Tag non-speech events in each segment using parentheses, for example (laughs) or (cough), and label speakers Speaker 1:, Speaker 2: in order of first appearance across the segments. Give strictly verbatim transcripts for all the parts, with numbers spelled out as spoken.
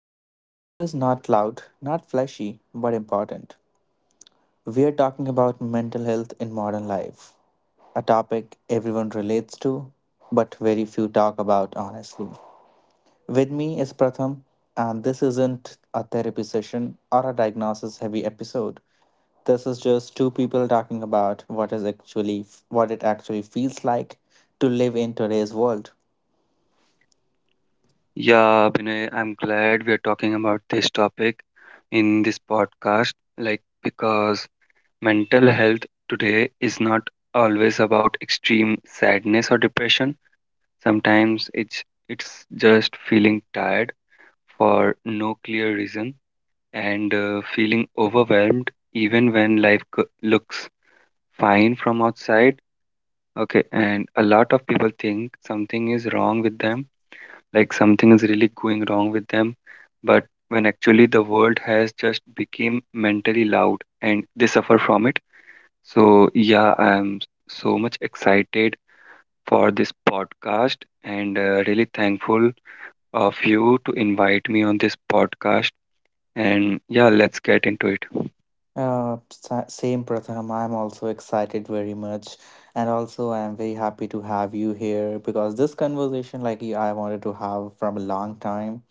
Speaker 1: Today's episode is not loud, not flashy, but important. We are talking about mental health in modern life, a topic everyone relates to, but very few talk about honestly. With me is Pratham, and this isn't a therapy session or a diagnosis heavy episode. This is just two people talking about what is actually what it actually feels like to live in today's world.
Speaker 2: Yeah, Binay, I'm glad we're talking about this topic in this podcast, like because mental health today is not always about extreme sadness or depression. Sometimes it's it's just feeling tired for no clear reason and uh, feeling overwhelmed even when life co- looks fine from outside. Okay, and a lot of people think something is wrong with them, like something is really going wrong with them, but when actually the world has just become mentally loud and they suffer from it. So yeah, I'm so much excited for this podcast and uh, really thankful of you to invite me on this podcast, and yeah, let's get into it.
Speaker 1: Uh, sa- same Pratham. I'm also excited very much, and also I'm very happy to have you here because this conversation, like you, I wanted to have from a long time,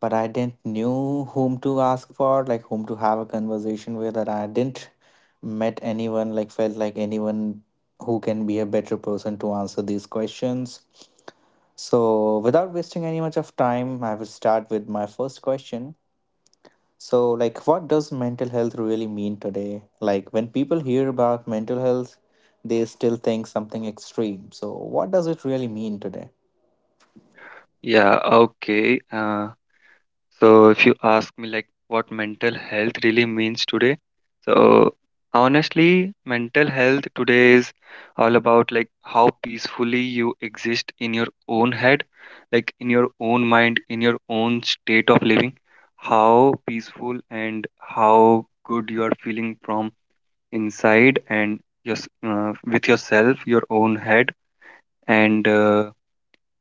Speaker 1: but I didn't knew whom to ask for, like whom to have a conversation with, and I didn't met anyone, like felt like anyone who can be a better person to answer these questions. So, without wasting any much of time, I will start with my first question. So, like, what does mental health really mean today? Like, when people hear about mental health, they still think something extreme. So, what does it really mean today?
Speaker 2: Yeah, okay uh, So if you ask me like what mental health really means today, so honestly, mental health today is all about like how peacefully you exist in your own head, like in your own mind, in your own state of living, how peaceful and how good you are feeling from inside, and just uh, with yourself, your own head, and uh,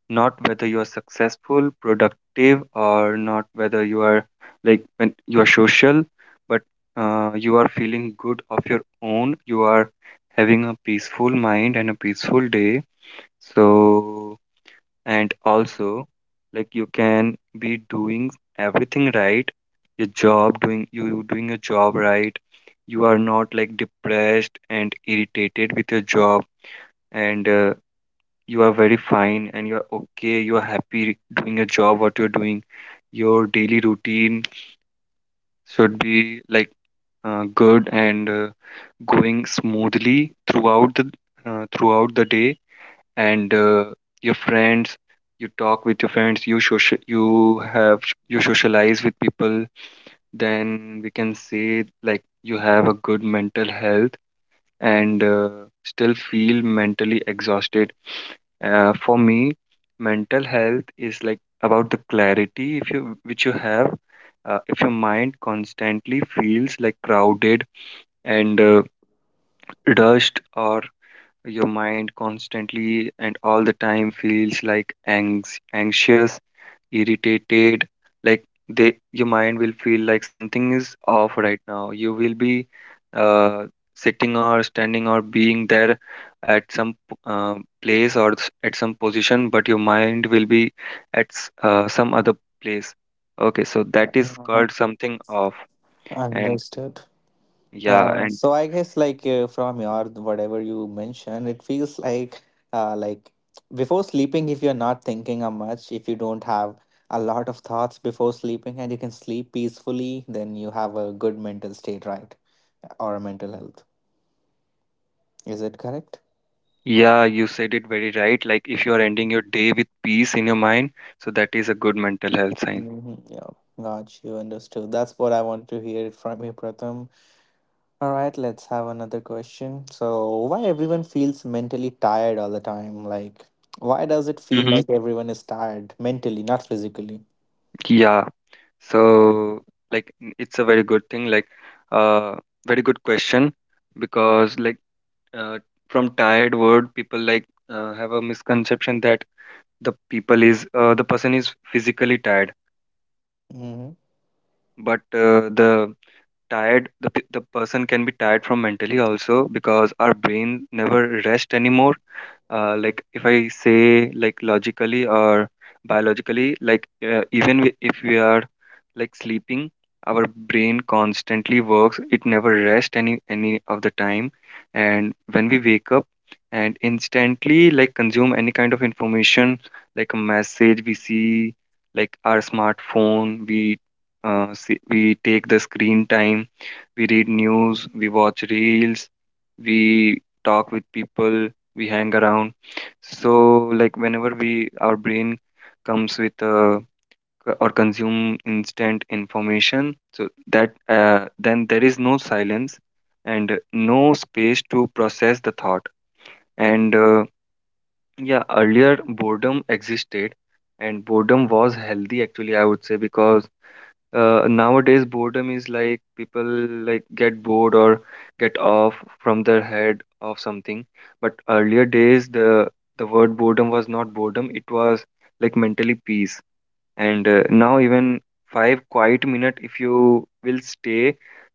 Speaker 2: not whether you are successful, productive, or not whether you are like when you are social, but uh, you are feeling good of your own. You are having a peaceful mind and a peaceful day. So, and also, like you can be doing everything right, your job, doing, you doing your job right. You are not like depressed and irritated with your job, and uh, you are very fine and you are okay, you are happy doing your job what you're doing. Your daily routine should be like uh, good and uh, going smoothly throughout the uh, throughout the day, and uh, your friends, you talk with your friends, you social, you have, you socialize with people, then we can say like you have a good mental health, and uh, still feel mentally exhausted. Uh, for me, mental health is like about the clarity if you which you have. Uh, if your mind constantly feels like crowded and uh, rushed, or your mind constantly and all the time feels like anx- anxious, irritated, like they, your mind will feel like something is off right now. You will be uh, sitting or standing or being there at some p- uh, place or s- at some position, but your mind will be at s- uh, some other place. Okay, so that is
Speaker 1: Uh-huh.
Speaker 2: called something off. And
Speaker 1: Understood.
Speaker 2: yeah,
Speaker 1: Yeah.
Speaker 2: and
Speaker 1: So, I guess like uh, from your whatever you mentioned, it feels like uh, like before sleeping, if you're not thinking a much, if you don't have a lot of thoughts before sleeping, and you can sleep peacefully, then you have a good mental state, right? Or mental health. Is it correct?
Speaker 2: yeah, you said it very right, like if you are ending your day with peace in your mind, so that is a good mental health sign.
Speaker 1: Hmm, yeah, got you. Understood. That's what I want to hear it from you, Pratham. All right, let's have another question. So, why everyone feels mentally tired all the time? Like, why does it feel
Speaker 2: Mm-hmm.
Speaker 1: like everyone is tired mentally, not physically?
Speaker 2: Yeah. So, like, n- it's a very good thing, like, uh, very good question because, like, uh, from tired word, people like uh, have a misconception that the people is uh, the person is physically tired,
Speaker 1: Hmm,
Speaker 2: but uh, the tired, the pe- the person can be tired from mentally also because our brain never rest anymore. Uh, like if I say like logically or biologically, like uh, even wi- if we are like sleeping, our brain constantly works, it never rests any any of the time. And when we wake up and instantly like consume any kind of information, like a message we see, like our smartphone, we uh, see, we take the screen time, we read news, we watch reels, we talk with people, we hang around. So, like, whenever we, our brain comes with uh, c- or consume instant information, so that uh, then there is no silence and no space to process the thought. And uh, yeah, earlier boredom existed, and boredom was healthy actually, I would say, because uh, nowadays boredom is like people like get bored or get off from their head of something, but earlier days the the word boredom was not boredom, it was like mentally peace. And uh, now even five quiet minute if you will stay,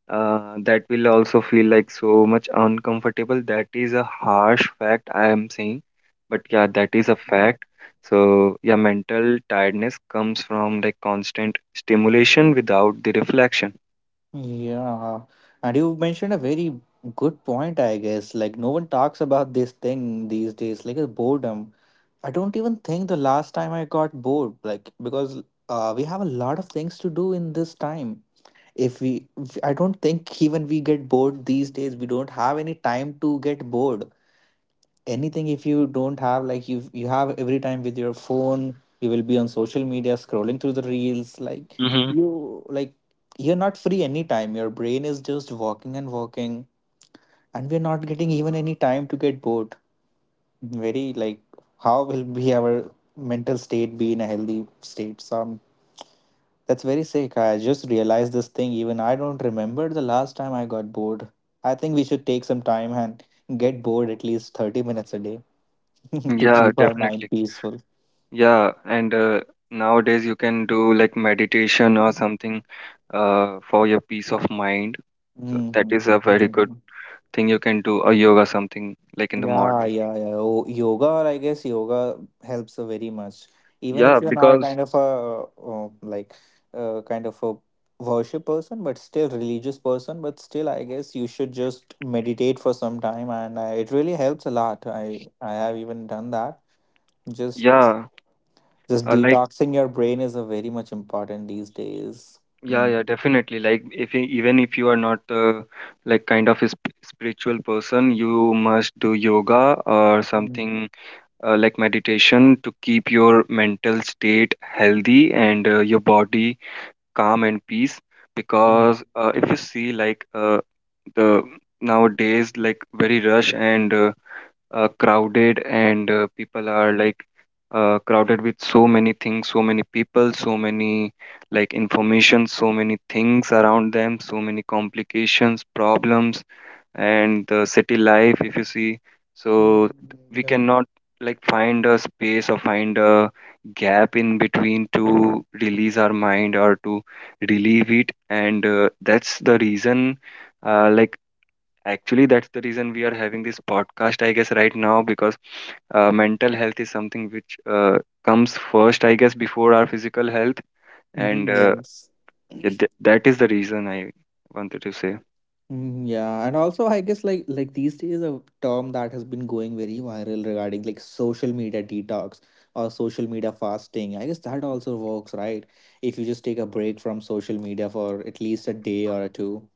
Speaker 2: uh, that will also feel like so much uncomfortable. That is a harsh fact I am saying, but yeah, that is a fact. So yeah, mental tiredness comes from like constant stimulation without the reflection.
Speaker 1: yeah, and you mentioned a very good point, I guess. Like, no one talks about this thing these days, like a boredom. I don't even think the last time I got bored, like, because uh, we have a lot of things to do in this time if we if- I don't think even we get bored these days, we don't have any time to get bored anything if you don't have like you you have every time with your phone, you will be on social media scrolling through the reels like
Speaker 2: Mm-hmm.
Speaker 1: you like you're not free anytime, your brain is just walking and walking, and we're not getting even any time to get bored, very like how will be our mental state be in a healthy state. So that's very sick. I just realized this thing. Even I don't remember the last time I got bored. I think we should take some time and get bored at least thirty minutes a day (laughs) to
Speaker 2: Yeah,
Speaker 1: keep our mind
Speaker 2: definitely.
Speaker 1: peaceful.
Speaker 2: Yeah, and uh, nowadays you can do like meditation or something uh, for your peace of mind. So that
Speaker 1: Mhm.
Speaker 2: is a very good
Speaker 1: Mhm.
Speaker 2: thing. You can do a yoga, something like in the
Speaker 1: Yeah,
Speaker 2: morning.
Speaker 1: yeah, yeah. Oh, yoga, or I guess yoga helps uh, very much. Even
Speaker 2: Yeah,
Speaker 1: if you're not
Speaker 2: because
Speaker 1: kind of a uh, um, like uh, kind of a worship person, but still religious person, but still, I guess you should just meditate for some time, and uh, it really helps a lot. I I have even done that. Just
Speaker 2: yeah,
Speaker 1: just
Speaker 2: uh, like
Speaker 1: detoxing your brain is a very much important these days.
Speaker 2: yeah,
Speaker 1: Mm.
Speaker 2: yeah, definitely, like if you, even if you are not uh, like kind of a sp- spiritual person, you must do yoga or
Speaker 1: Mm,
Speaker 2: something, uh, like meditation to keep your mental state healthy and uh, your body calm and peace.
Speaker 1: mm,
Speaker 2: Because uh, if you see like uh, the nowadays like very rush and uh, uh, crowded and uh, people are like uh, crowded with so many things, so many people, so many like information, so many things around them, so many complications, problems, and the city life if you see. So
Speaker 1: mm,
Speaker 2: we
Speaker 1: yeah.
Speaker 2: cannot like find a space or find a gap in between to release our mind or to relieve it. And uh, that's the reason, uh, like actually that's the reason we are having this podcast, I guess, right now, because uh, mental health is something which uh, comes first, I guess, before our physical health, and
Speaker 1: Mhm,
Speaker 2: uh,
Speaker 1: yes.
Speaker 2: yeah, th- that is the reason I wanted to say.
Speaker 1: Mm, yeah, and also I guess like like these days a term that has been going very viral regarding like social media detox or social media fasting. I guess that also works, right? If you just take a break from social media for at least a day or two,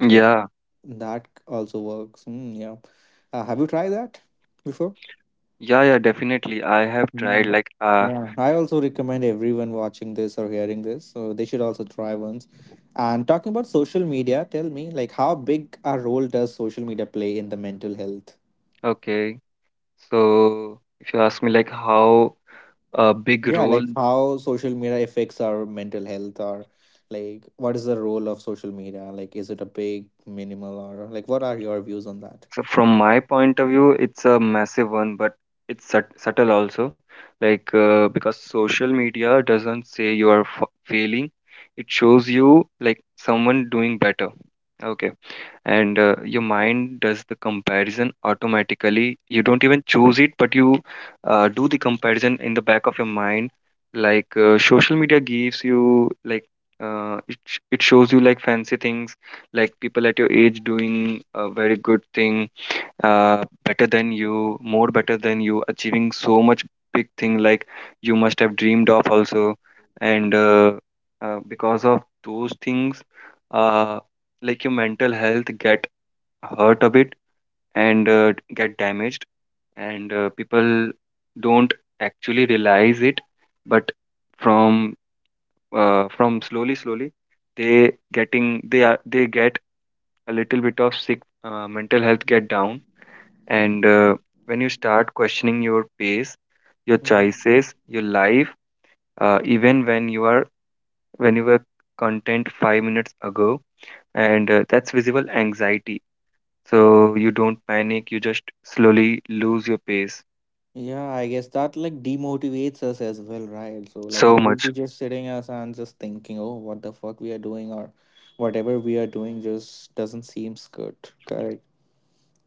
Speaker 1: like
Speaker 2: Yeah,
Speaker 1: that also works. Mm, yeah. Uh, have you tried that before?
Speaker 2: yeah, yeah, definitely, I have tried
Speaker 1: Mhm.
Speaker 2: like uh.
Speaker 1: Yeah. I also recommend everyone watching this or hearing this, so they should also try once. And talking about social media, tell me, like, how big a role does social media play in the mental health?
Speaker 2: Okay, so if you ask me like how a big
Speaker 1: Yeah,
Speaker 2: role.
Speaker 1: like how social media affects our mental health, or like what is the role of social media? Like, is it a big, minimal, or like what are your views on that?
Speaker 2: So from my point of view, it's a massive one, but it's sut- subtle also. Like uh, because social media doesn't say you are f- failing; it shows you like someone doing better. Okay, and uh, your mind does the comparison automatically. You don't even choose it, but you uh, do the comparison in the back of your mind. Like uh, social media gives you like uh, it sh- it shows you like fancy things, like people at your age doing uh, very good things, uh, better than you, more better than you, achieving so much big thing like you must have dreamed of also. And uh, uh, because of those things, uh, like your mental health get hurt a bit and uh, get damaged, and uh, people don't actually realize it, but from uh, from slowly, slowly, they getting, they are, they get a little bit of sick, uh, mental health get down, and uh, when you start questioning your pace, your
Speaker 1: Mhm.
Speaker 2: choices, your life, uh, even when you are, when you were content five minutes ago, and uh, that's visible anxiety. So you don't panic, you just slowly lose your pace.
Speaker 1: Yeah, I guess that like demotivates us as well, right? So like
Speaker 2: So
Speaker 1: we will
Speaker 2: much.
Speaker 1: be just sitting us and just thinking, oh, what the fuck we are doing or whatever we are doing just doesn't seem good. Correct.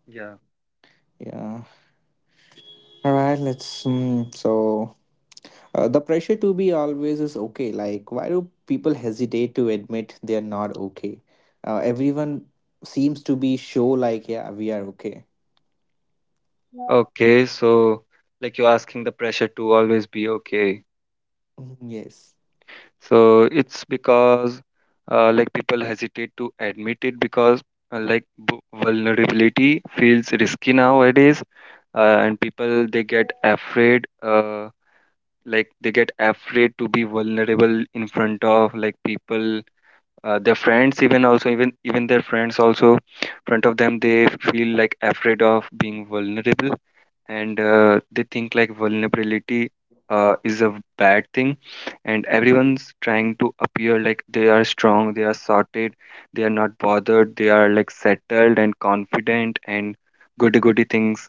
Speaker 2: Yeah.
Speaker 1: Yeah. All right. Let's. Um, so uh, the pressure to be always is okay. Like why do people hesitate to admit they are not okay? Uh, everyone seems to be show like yeah we are okay.
Speaker 2: Okay, so like you're asking the pressure to always be okay.
Speaker 1: (laughs)
Speaker 2: So it's because uh, like people hesitate to admit it because uh, like bu- vulnerability feels risky nowadays, uh, and people they get afraid, uh, like they get afraid to be vulnerable in front of like people, uh, their friends even also, even even their friends also in front of them they feel like afraid of being vulnerable. And uh, they think like vulnerability uh, is a bad thing, and everyone's trying to appear like they are strong, they are sorted, they are not bothered, they are like settled and confident and goody goody things.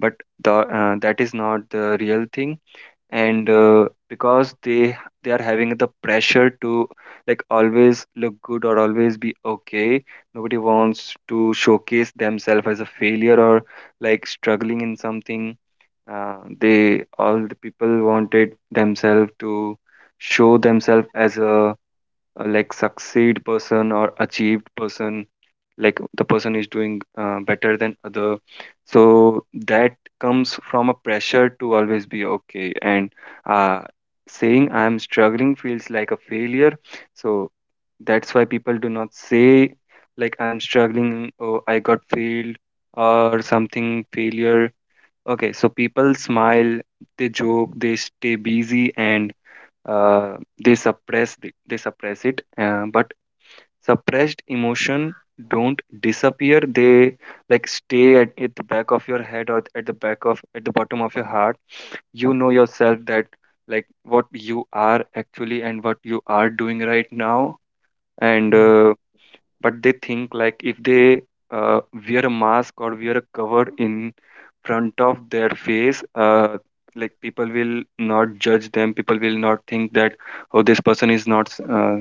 Speaker 2: But the, uh, that is not the real thing, and uh, because they they are having the pressure to like always look good or always be okay. Nobody wants to showcase themselves as a failure or like struggling in something. Uh, they, all the people wanted themselves to show themselves as a, a like succeed person or achieved person, like the person is doing uh, better than other. So that comes from a pressure to always be okay. And uh, saying I'm struggling feels like a failure. So that's why people do not say like I'm struggling or I got failed or something failure. Okay, so people smile, they joke, they stay busy, and uh, they suppress the, they suppress it. Uh, but suppressed emotion don't disappear. They like stay at, at the back of your head or at the back of, at the bottom of your heart. You know yourself that like what you are actually and what you are doing right now, and uh, but they think like if they uh, wear a mask or wear a cover in front of their face, uh, like people will not judge them, people will not think that, oh, this person is not uh,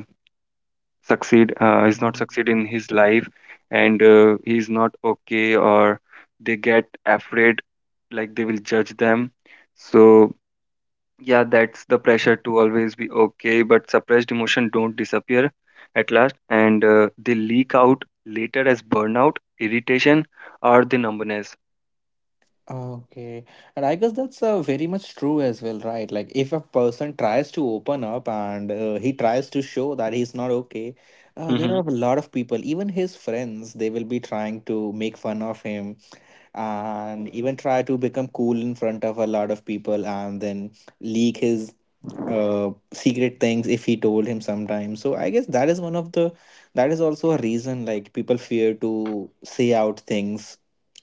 Speaker 2: succeed uh, is not
Speaker 1: Mhm,
Speaker 2: succeed in
Speaker 1: yes.
Speaker 2: his life, and uh, he is not okay, or they get afraid like they will judge them. So yeah, that's the pressure to always be okay, but suppressed emotion don't disappear at last, and uh, they leak out later as burnout, irritation, or the numbness.
Speaker 1: Okay. And I guess that's uh, very much true as well, right? Like, if a person tries to open up and uh, he tries to show that he's not okay, uh, there
Speaker 2: Hmm.
Speaker 1: are a lot of people, even his friends, they will be trying to make fun of him and even try to become cool in front of a lot of people and then leak his uh, secret things if he told him sometimes. So I guess that is one of the, that is also a reason like people fear to say out things,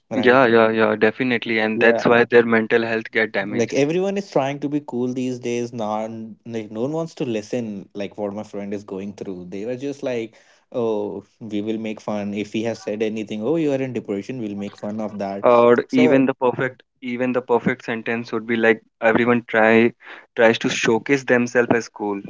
Speaker 1: right?
Speaker 2: Yeah, yeah, yeah, definitely, and that's why
Speaker 1: Yeah.
Speaker 2: their mental health get
Speaker 1: Like
Speaker 2: damaged.
Speaker 1: everyone is trying to be cool these days. Not like, no one wants to listen, like what my friend is going through. They were just like, oh, we will make fun if he has said anything. Oh, you are in depression, we'll make fun of that.
Speaker 2: Or
Speaker 1: So
Speaker 2: even the perfect, even the perfect sentence would be like everyone try tries to showcase themselves as cool.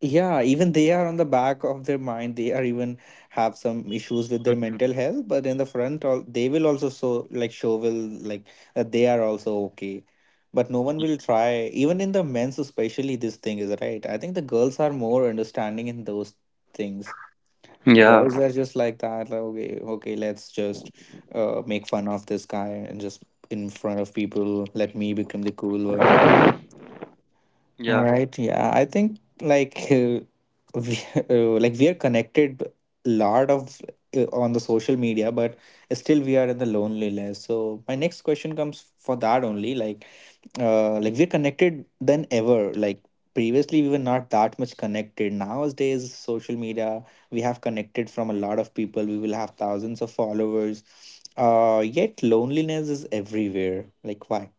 Speaker 1: yeah, even they are on the back of their mind, they are even have some issues with their
Speaker 2: Mhm.
Speaker 1: mental health, but in the front all they will also so like show will like that they are also okay. But no one will try, even in the men's especially, this thing is right. I think the girls are more understanding in those things. The
Speaker 2: Yeah,
Speaker 1: boys are just like that, like okay okay let's just uh, make fun of this guy and just in front of people let me become the cool one. All
Speaker 2: yeah.
Speaker 1: right. Yeah. I think like uh, we, (laughs) uh, like we are connected a lot of uh, on the social media, but still we are in the loneliness. So my next question comes for that only. Like, uh, like we're connected than ever. Like previously we were not that much connected. Nowadays, social media we have connected from a lot of people. We will have thousands of followers. Uh, yet loneliness is everywhere. Like why?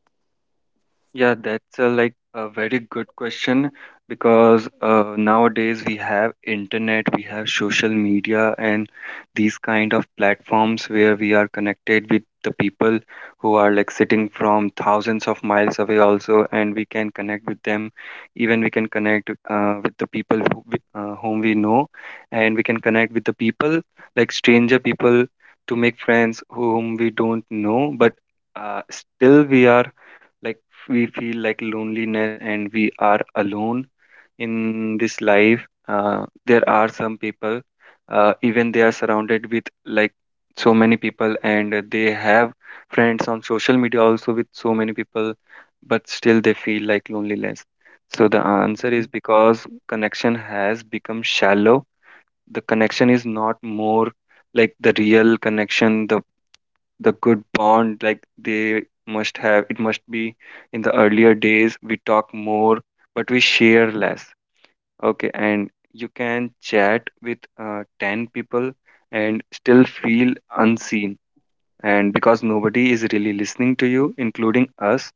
Speaker 2: Yeah, that's a, like a very good question because uh, nowadays we have internet, we have social media, and these kind of platforms where we are connected with the people who are like sitting from thousands of miles away also, and we can connect with them. Even we can connect uh, with the people who, we- uh, whom we know, and we can connect with the people like stranger people to make friends whom we don't know, but uh, still we are. Like we feel like loneliness and we are alone in this life. Uh, there are some people, uh, even they are surrounded with like so many people, and they have friends on social media also with so many people, but still they feel like loneliness. So the answer is because connection has become shallow. The connection is not more, like the real connection, the the good bond, like they must have, it must be. In the earlier days we talk more but we share less. Okay, and you can chat with uh, ten people and still feel unseen, and because nobody is really listening to you, including us.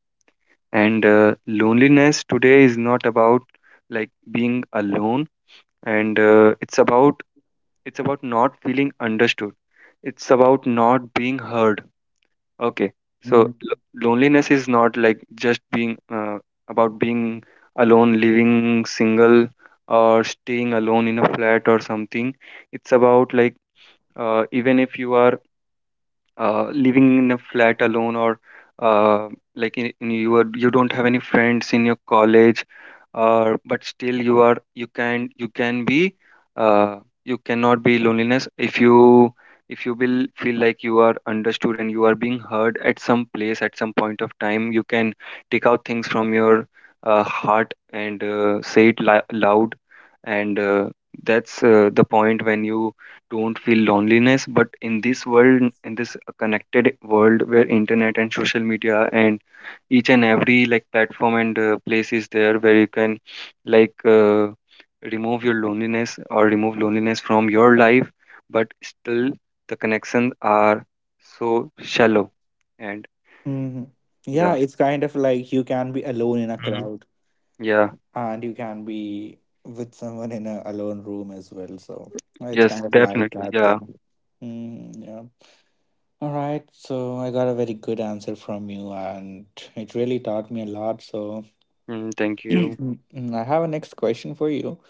Speaker 2: And uh, loneliness today is not about like being alone. And uh, it's about it's about not feeling understood, it's about not being heard. Okay. So lo-
Speaker 1: Mhm.
Speaker 2: loneliness is not like just being uh, about being alone, living single, or staying alone in a flat or something. It's about like, uh, even if you are uh, living in a flat alone, or uh, like in, in you are you don't have any friends in your college, uh, but still you are you can you can be uh, you cannot be loneliness if you if you will feel like you are understood and you are being heard at some place at some point of time. You can take out things from your uh, heart and uh, say it li- loud. And uh, that's uh, the point when you don't feel loneliness. But in this world, in this connected world where internet and social media and each and every like platform and uh, place is there where you can like uh, remove your loneliness or remove loneliness from your life. But still the connections are so shallow, and
Speaker 1: Hmm, yeah,
Speaker 2: yeah.
Speaker 1: it's kind of like you can be alone in a
Speaker 2: Hmm.
Speaker 1: crowd
Speaker 2: Yeah.
Speaker 1: and you can be with someone in a alone room as well. So it's
Speaker 2: Yes,
Speaker 1: kind of like
Speaker 2: definitely,
Speaker 1: that
Speaker 2: yeah.
Speaker 1: thing. Mm, yeah. All right. So I got a very good answer from you and it really taught me a lot. So
Speaker 2: Mm, thank
Speaker 1: (clears throat)
Speaker 2: you.
Speaker 1: I have a next question for you.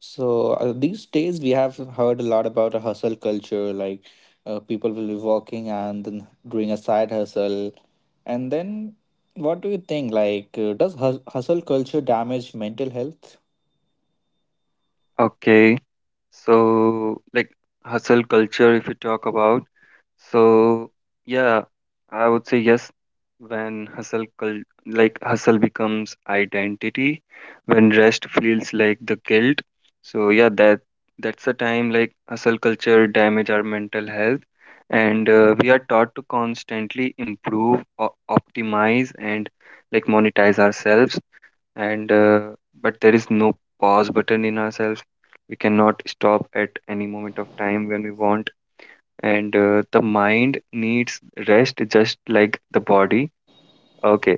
Speaker 1: So uh, these days we have heard a lot about a hustle culture, like uh, people will be working and then doing a side hustle. And then, what do you think? Like, uh, does hus- hustle culture damage mental health?
Speaker 2: Okay, so like hustle culture, if you talk about. So yeah, I would say yes. When hustle cul- like hustle becomes identity, when rest feels like the guilt. So yeah, that that's the time like hustle culture damage our mental health, and uh, we are taught to constantly improve, o- optimize, and like monetize ourselves. And uh, but there is no pause button in ourselves. We cannot stop at any moment of time when we want. And uh, the mind needs rest just like the body. Okay,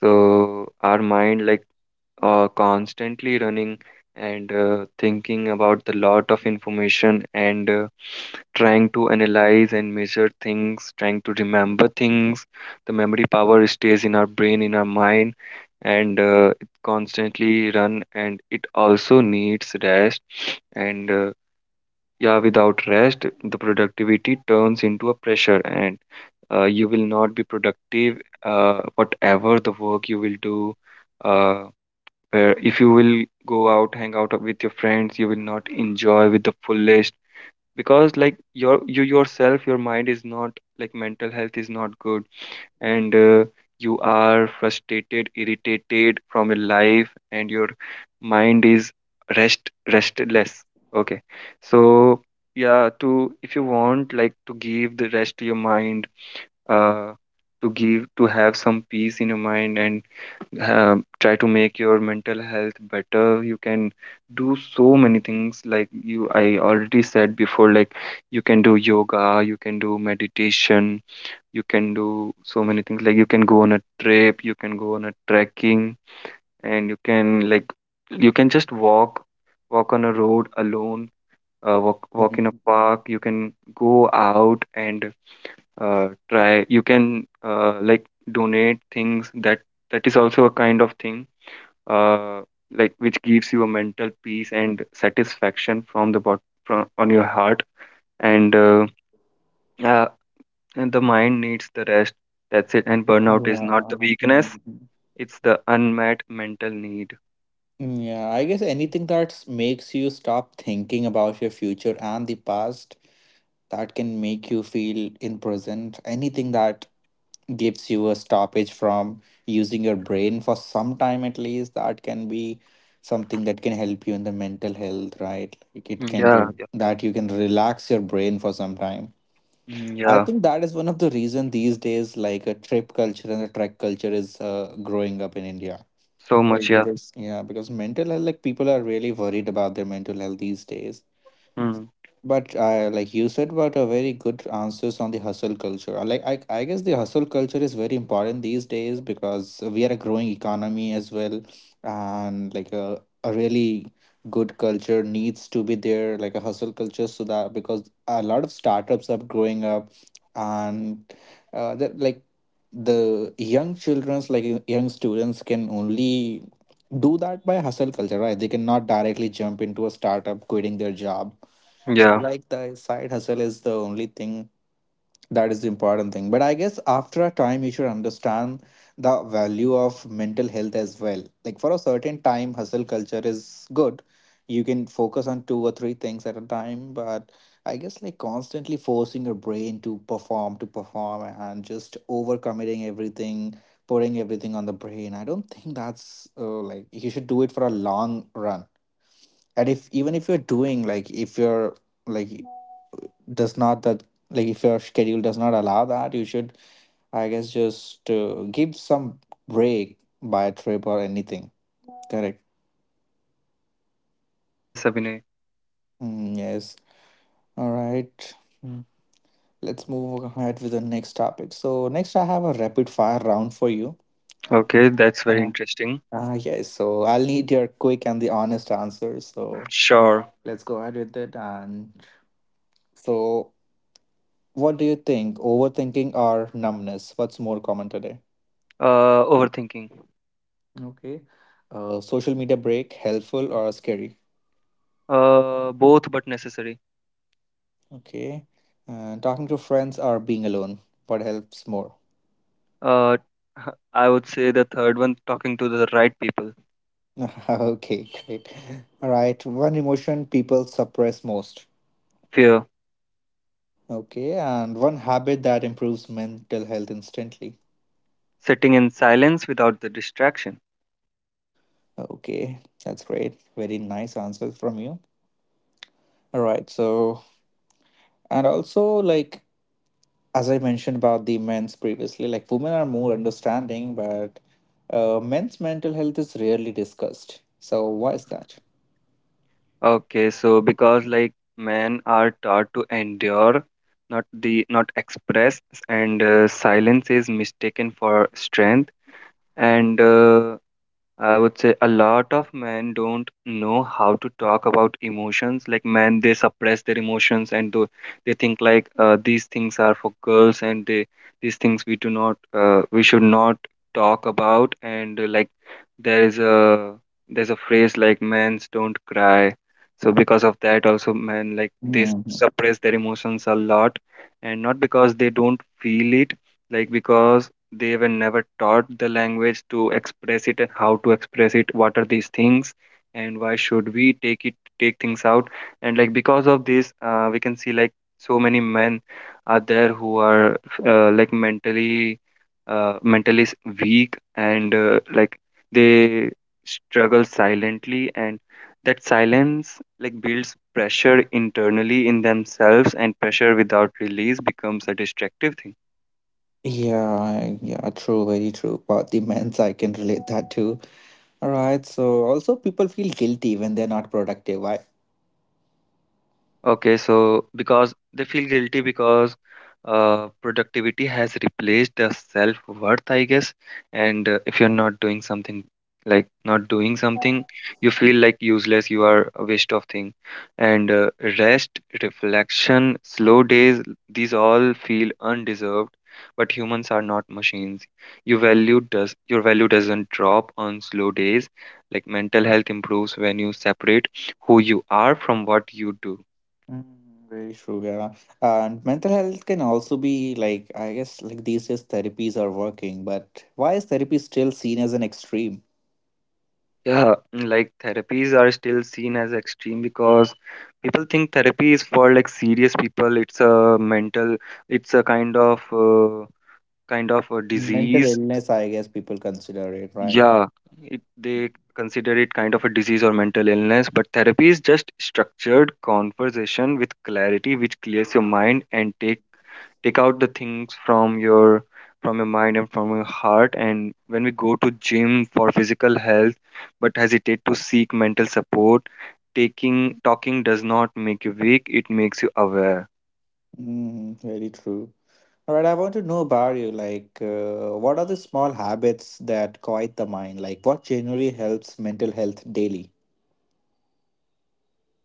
Speaker 2: so our mind, like uh, constantly running and uh, thinking about the lot of information, and uh, trying to analyze and measure things, trying to remember things. The memory power stays in our brain, in our mind, and uh, it constantly run and it also needs rest. And uh, yeah, without rest, the productivity turns into a pressure, and uh, you will not be productive. Uh, whatever the work you will do, uh, where if you will go out, hang out with your friends, you will not enjoy with the fullest, because like your you yourself, your mind is not, like mental health is not good. And uh, you are frustrated, irritated from your life, and your mind is rest restless. Okay, so yeah, to if you want like to give the rest to your mind, uh, to give to have some peace in your mind, and uh, try to make your mental health better, you can do so many things. Like you I already said before, like you can do yoga, you can do meditation, you can do so many things. Like you can go on a trip, you can go on a trekking, and you can like, you can just walk walk on a road alone. Uh, walk
Speaker 1: Mm,
Speaker 2: walk in a park, you can go out and uh, try. You can uh, like donate things. That that is also a kind of thing, uh, like which gives you a mental peace and satisfaction from the bot from on your heart. And uh, yeah. And the mind needs the rest. That's it. And burnout is not the
Speaker 1: yeah.
Speaker 2: weakness,
Speaker 1: Mm.
Speaker 2: it's the unmet mental need.
Speaker 1: Mm, yeah, I guess anything that s- makes you stop thinking about your future and the past, that can make you feel in present. Anything that gives you a stoppage from using your brain for some time at least, that can be something that can help you in the mental health, right? Like, it
Speaker 2: Mm,
Speaker 1: can
Speaker 2: yeah,
Speaker 1: re-
Speaker 2: yeah,
Speaker 1: that you can relax your brain for some time.
Speaker 2: mm,
Speaker 1: I
Speaker 2: yeah.
Speaker 1: think that is one of the reason these days like a trip culture and a trek culture is uh, growing up in India.
Speaker 2: So
Speaker 1: Like,
Speaker 2: much, yeah.
Speaker 1: because yeah because mental health like people are really worried about their mental health these days,
Speaker 2: Mm,
Speaker 1: but uh, like you said, but a very good answers on the hustle culture. Uh, Like I, I guess the hustle culture is very important these days because we are a growing economy as well, and like a, a really good culture needs to be there, like a hustle culture, so that because a lot of startups are growing up, and uh, that like the young childrens, like y- young students, can only do that by hustle culture, right? They cannot directly jump into a startup quitting their job.
Speaker 2: yeah.
Speaker 1: Like the side hustle is the only thing, that is the important thing. But I guess after a time you should understand the value of mental health as well. Like for a certain time hustle culture is good, you can focus on two or three things at a time, but I guess like constantly forcing your brain to perform to perform and just overcommitting everything, putting everything on the brain, I don't think that's uh, like you should do it for a long run. And if even if you're doing, like if you're like does not that, like if your schedule does not allow that, you should, I guess just uh, give some break by a trip or anything. Correct.
Speaker 2: Yes, Abhinay.
Speaker 1: Mm, yes. All right. Mm. Let's move ahead with the next topic. So next I have a rapid fire round for you.
Speaker 2: Okay, that's very
Speaker 1: uh,
Speaker 2: interesting.
Speaker 1: uh, yes, so I'll need your quick and the honest answer. So
Speaker 2: Sure.
Speaker 1: let's go ahead with it. And so, what do you think, overthinking or numbness, what's more common today?
Speaker 2: Uh, overthinking.
Speaker 1: Okay. Uh, social media break, helpful or scary?
Speaker 2: Uh, both but necessary.
Speaker 1: Okay. Uh, talking to friends or being alone, what helps more?
Speaker 2: Uh, (laughs) I would say the third one, talking to the right people.
Speaker 1: (laughs) Okay, great. All right. One emotion people suppress most.
Speaker 2: Fear.
Speaker 1: Okay. And one habit that improves mental health instantly.
Speaker 2: Sitting in silence without the distraction.
Speaker 1: Okay. That's great. Very nice answers from you. All right. So, and also like as I mentioned about the men's previously, like women are more understanding, but uh, men's mental health is rarely discussed. So why is that?
Speaker 2: Okay, so because like men are taught to endure, not the not express, and uh, silence is mistaken for strength. And uh, I would say a lot of men don't know how to talk about emotions. Like men, they suppress their emotions and do, they think like uh, these things are for girls, and they these things we do not uh, we should not talk about. And uh, like there is a there's a phrase like men's don't cry. So because of that, also men like they s-
Speaker 1: Hmm,
Speaker 2: suppress their emotions a lot, and not because they don't feel it, like because they were never taught the language to express it and how to express it, what are these things and why should we take it take things out. And like because of this uh, we can see like so many men are there who are uh, like mentally uh, mentally s- weak. And uh, like they struggle silently, and that silence like builds pressure internally in themselves, and pressure without release becomes a destructive thing.
Speaker 1: yeah, yeah, true, very true. But the men's, I can relate that too. All right. So also, people feel guilty when they're not productive. Why?
Speaker 2: Okay, so because they feel guilty because uh, productivity has replaced the self-worth, I guess. And uh, if you're not doing something, like not doing something, you feel like useless, you are a waste of thing. And uh, rest, reflection, slow days, these all feel undeserved. But humans are not machines. Your value does your value doesn't drop on slow days. Like mental health improves when you separate who you are from what you do.
Speaker 1: Mm, very true. Yeah, and mental health can also be like I guess like these days therapies are working, but why is therapy still seen as an extreme?
Speaker 2: Yeah, mm, like therapies are still seen as extreme because people think therapy is for like serious people. It's a mental, it's a kind of uh, kind of a
Speaker 1: Mental
Speaker 2: disease.
Speaker 1: illness, I guess people consider it right.
Speaker 2: Yeah, it, they consider it kind of a disease or mental illness, but therapy is just structured conversation with clarity, which clears your mind and take take out the things from your from your mind and from your heart. And when we go to gym for physical health, but hesitate to seek mental support, taking talking does not make you weak; it makes you aware.
Speaker 1: Mm, very true. All right, I want to know about you. Like, uh, what are the small habits that quiet the mind? Like, what generally helps mental health daily?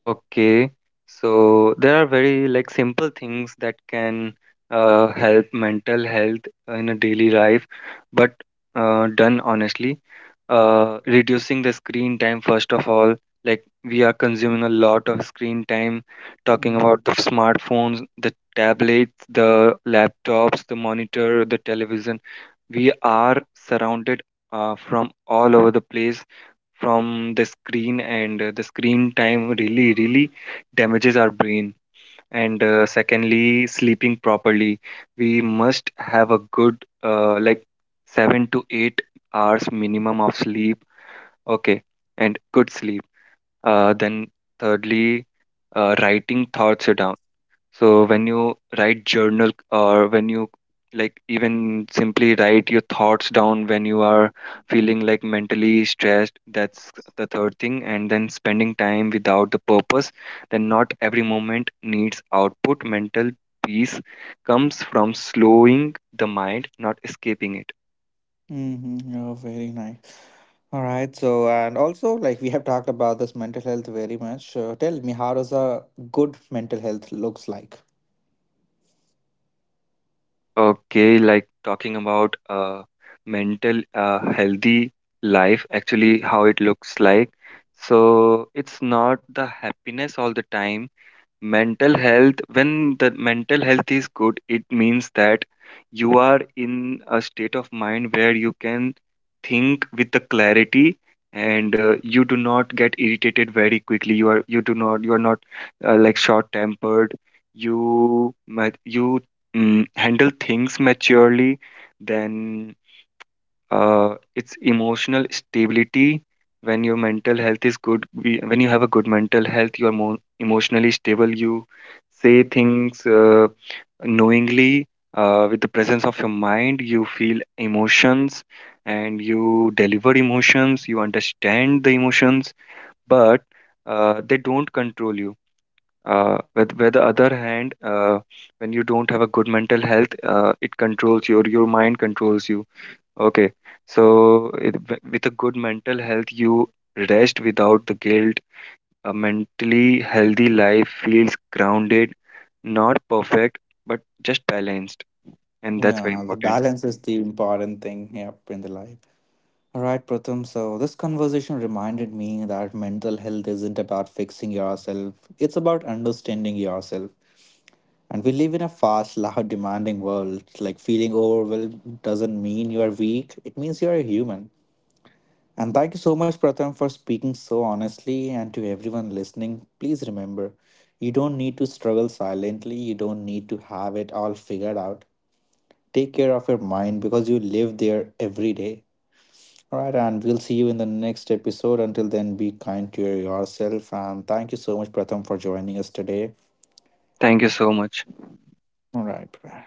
Speaker 2: Okay, so there are very like simple things that can uh, help mental health in a daily life, but uh, done honestly. Uh, reducing the screen time first of all. Like we are consuming a lot of screen time, talking
Speaker 1: Mm.
Speaker 2: about the smartphones, the tablets, the laptops, the monitor, the television. We are surrounded uh, from all over the place from the screen, and uh, the screen time really really damages our brain. And uh, secondly, sleeping properly, we must have a good uh, like seven to eight hours minimum of sleep. Okay, and good sleep. Uh, then thirdly, uh, writing thoughts down, so when you write journal, or when you like even simply write your thoughts down when you are feeling like mentally stressed, that's the third thing. And then spending time without the purpose, then not every moment needs output. Mental peace comes from slowing the mind, not escaping it.
Speaker 1: Mm-hmm. Oh, very nice. All right. So, and also, like, we have talked about this mental health very much. Uh, tell me, how does a good mental health looks like?
Speaker 2: Okay, like talking about uh, mental uh, healthy life, actually how it looks like. So it's not the happiness all the time. Mental health when the mental health is good, it means that you are in a state of mind where you can think with the clarity, and uh, you do not get irritated very quickly, you are you do not you are not uh, like short tempered, you ma- you mm, handle things maturely. Then uh, it's emotional stability. When your mental health is good, we- when you have a good mental health, you are more emotionally stable. You say things uh, knowingly, uh, with the presence of your mind. You feel emotions, and you deliver emotions, you understand the emotions, but uh, they don't control you. Uh, with, with the other hand, uh, when you don't have a good mental health, uh, it controls you, or your mind controls you. Okay, so it, wi- with a good mental health, you rest without the guilt. A mentally healthy life feels grounded, not perfect, but just balanced. And that's very
Speaker 1: Yeah, the
Speaker 2: important.
Speaker 1: balance is the important thing. Yep, in the life. All right, Pratham. So, this conversation reminded me that mental health isn't about fixing yourself, it's about understanding yourself. And we live in a fast, loud, demanding world. Like, feeling overwhelmed doesn't mean you're weak, it means you're a human. And thank you so much, Pratham, for speaking so honestly. And to everyone listening, please remember you don't need to struggle silently, you don't need to have it all figured out. Take care of your mind because you live there every day. All right, and we'll see you in the next episode. Until then, be kind to yourself. And thank you so much, Pratham, for joining us today.
Speaker 2: Thank you so much.
Speaker 1: All right. Bye.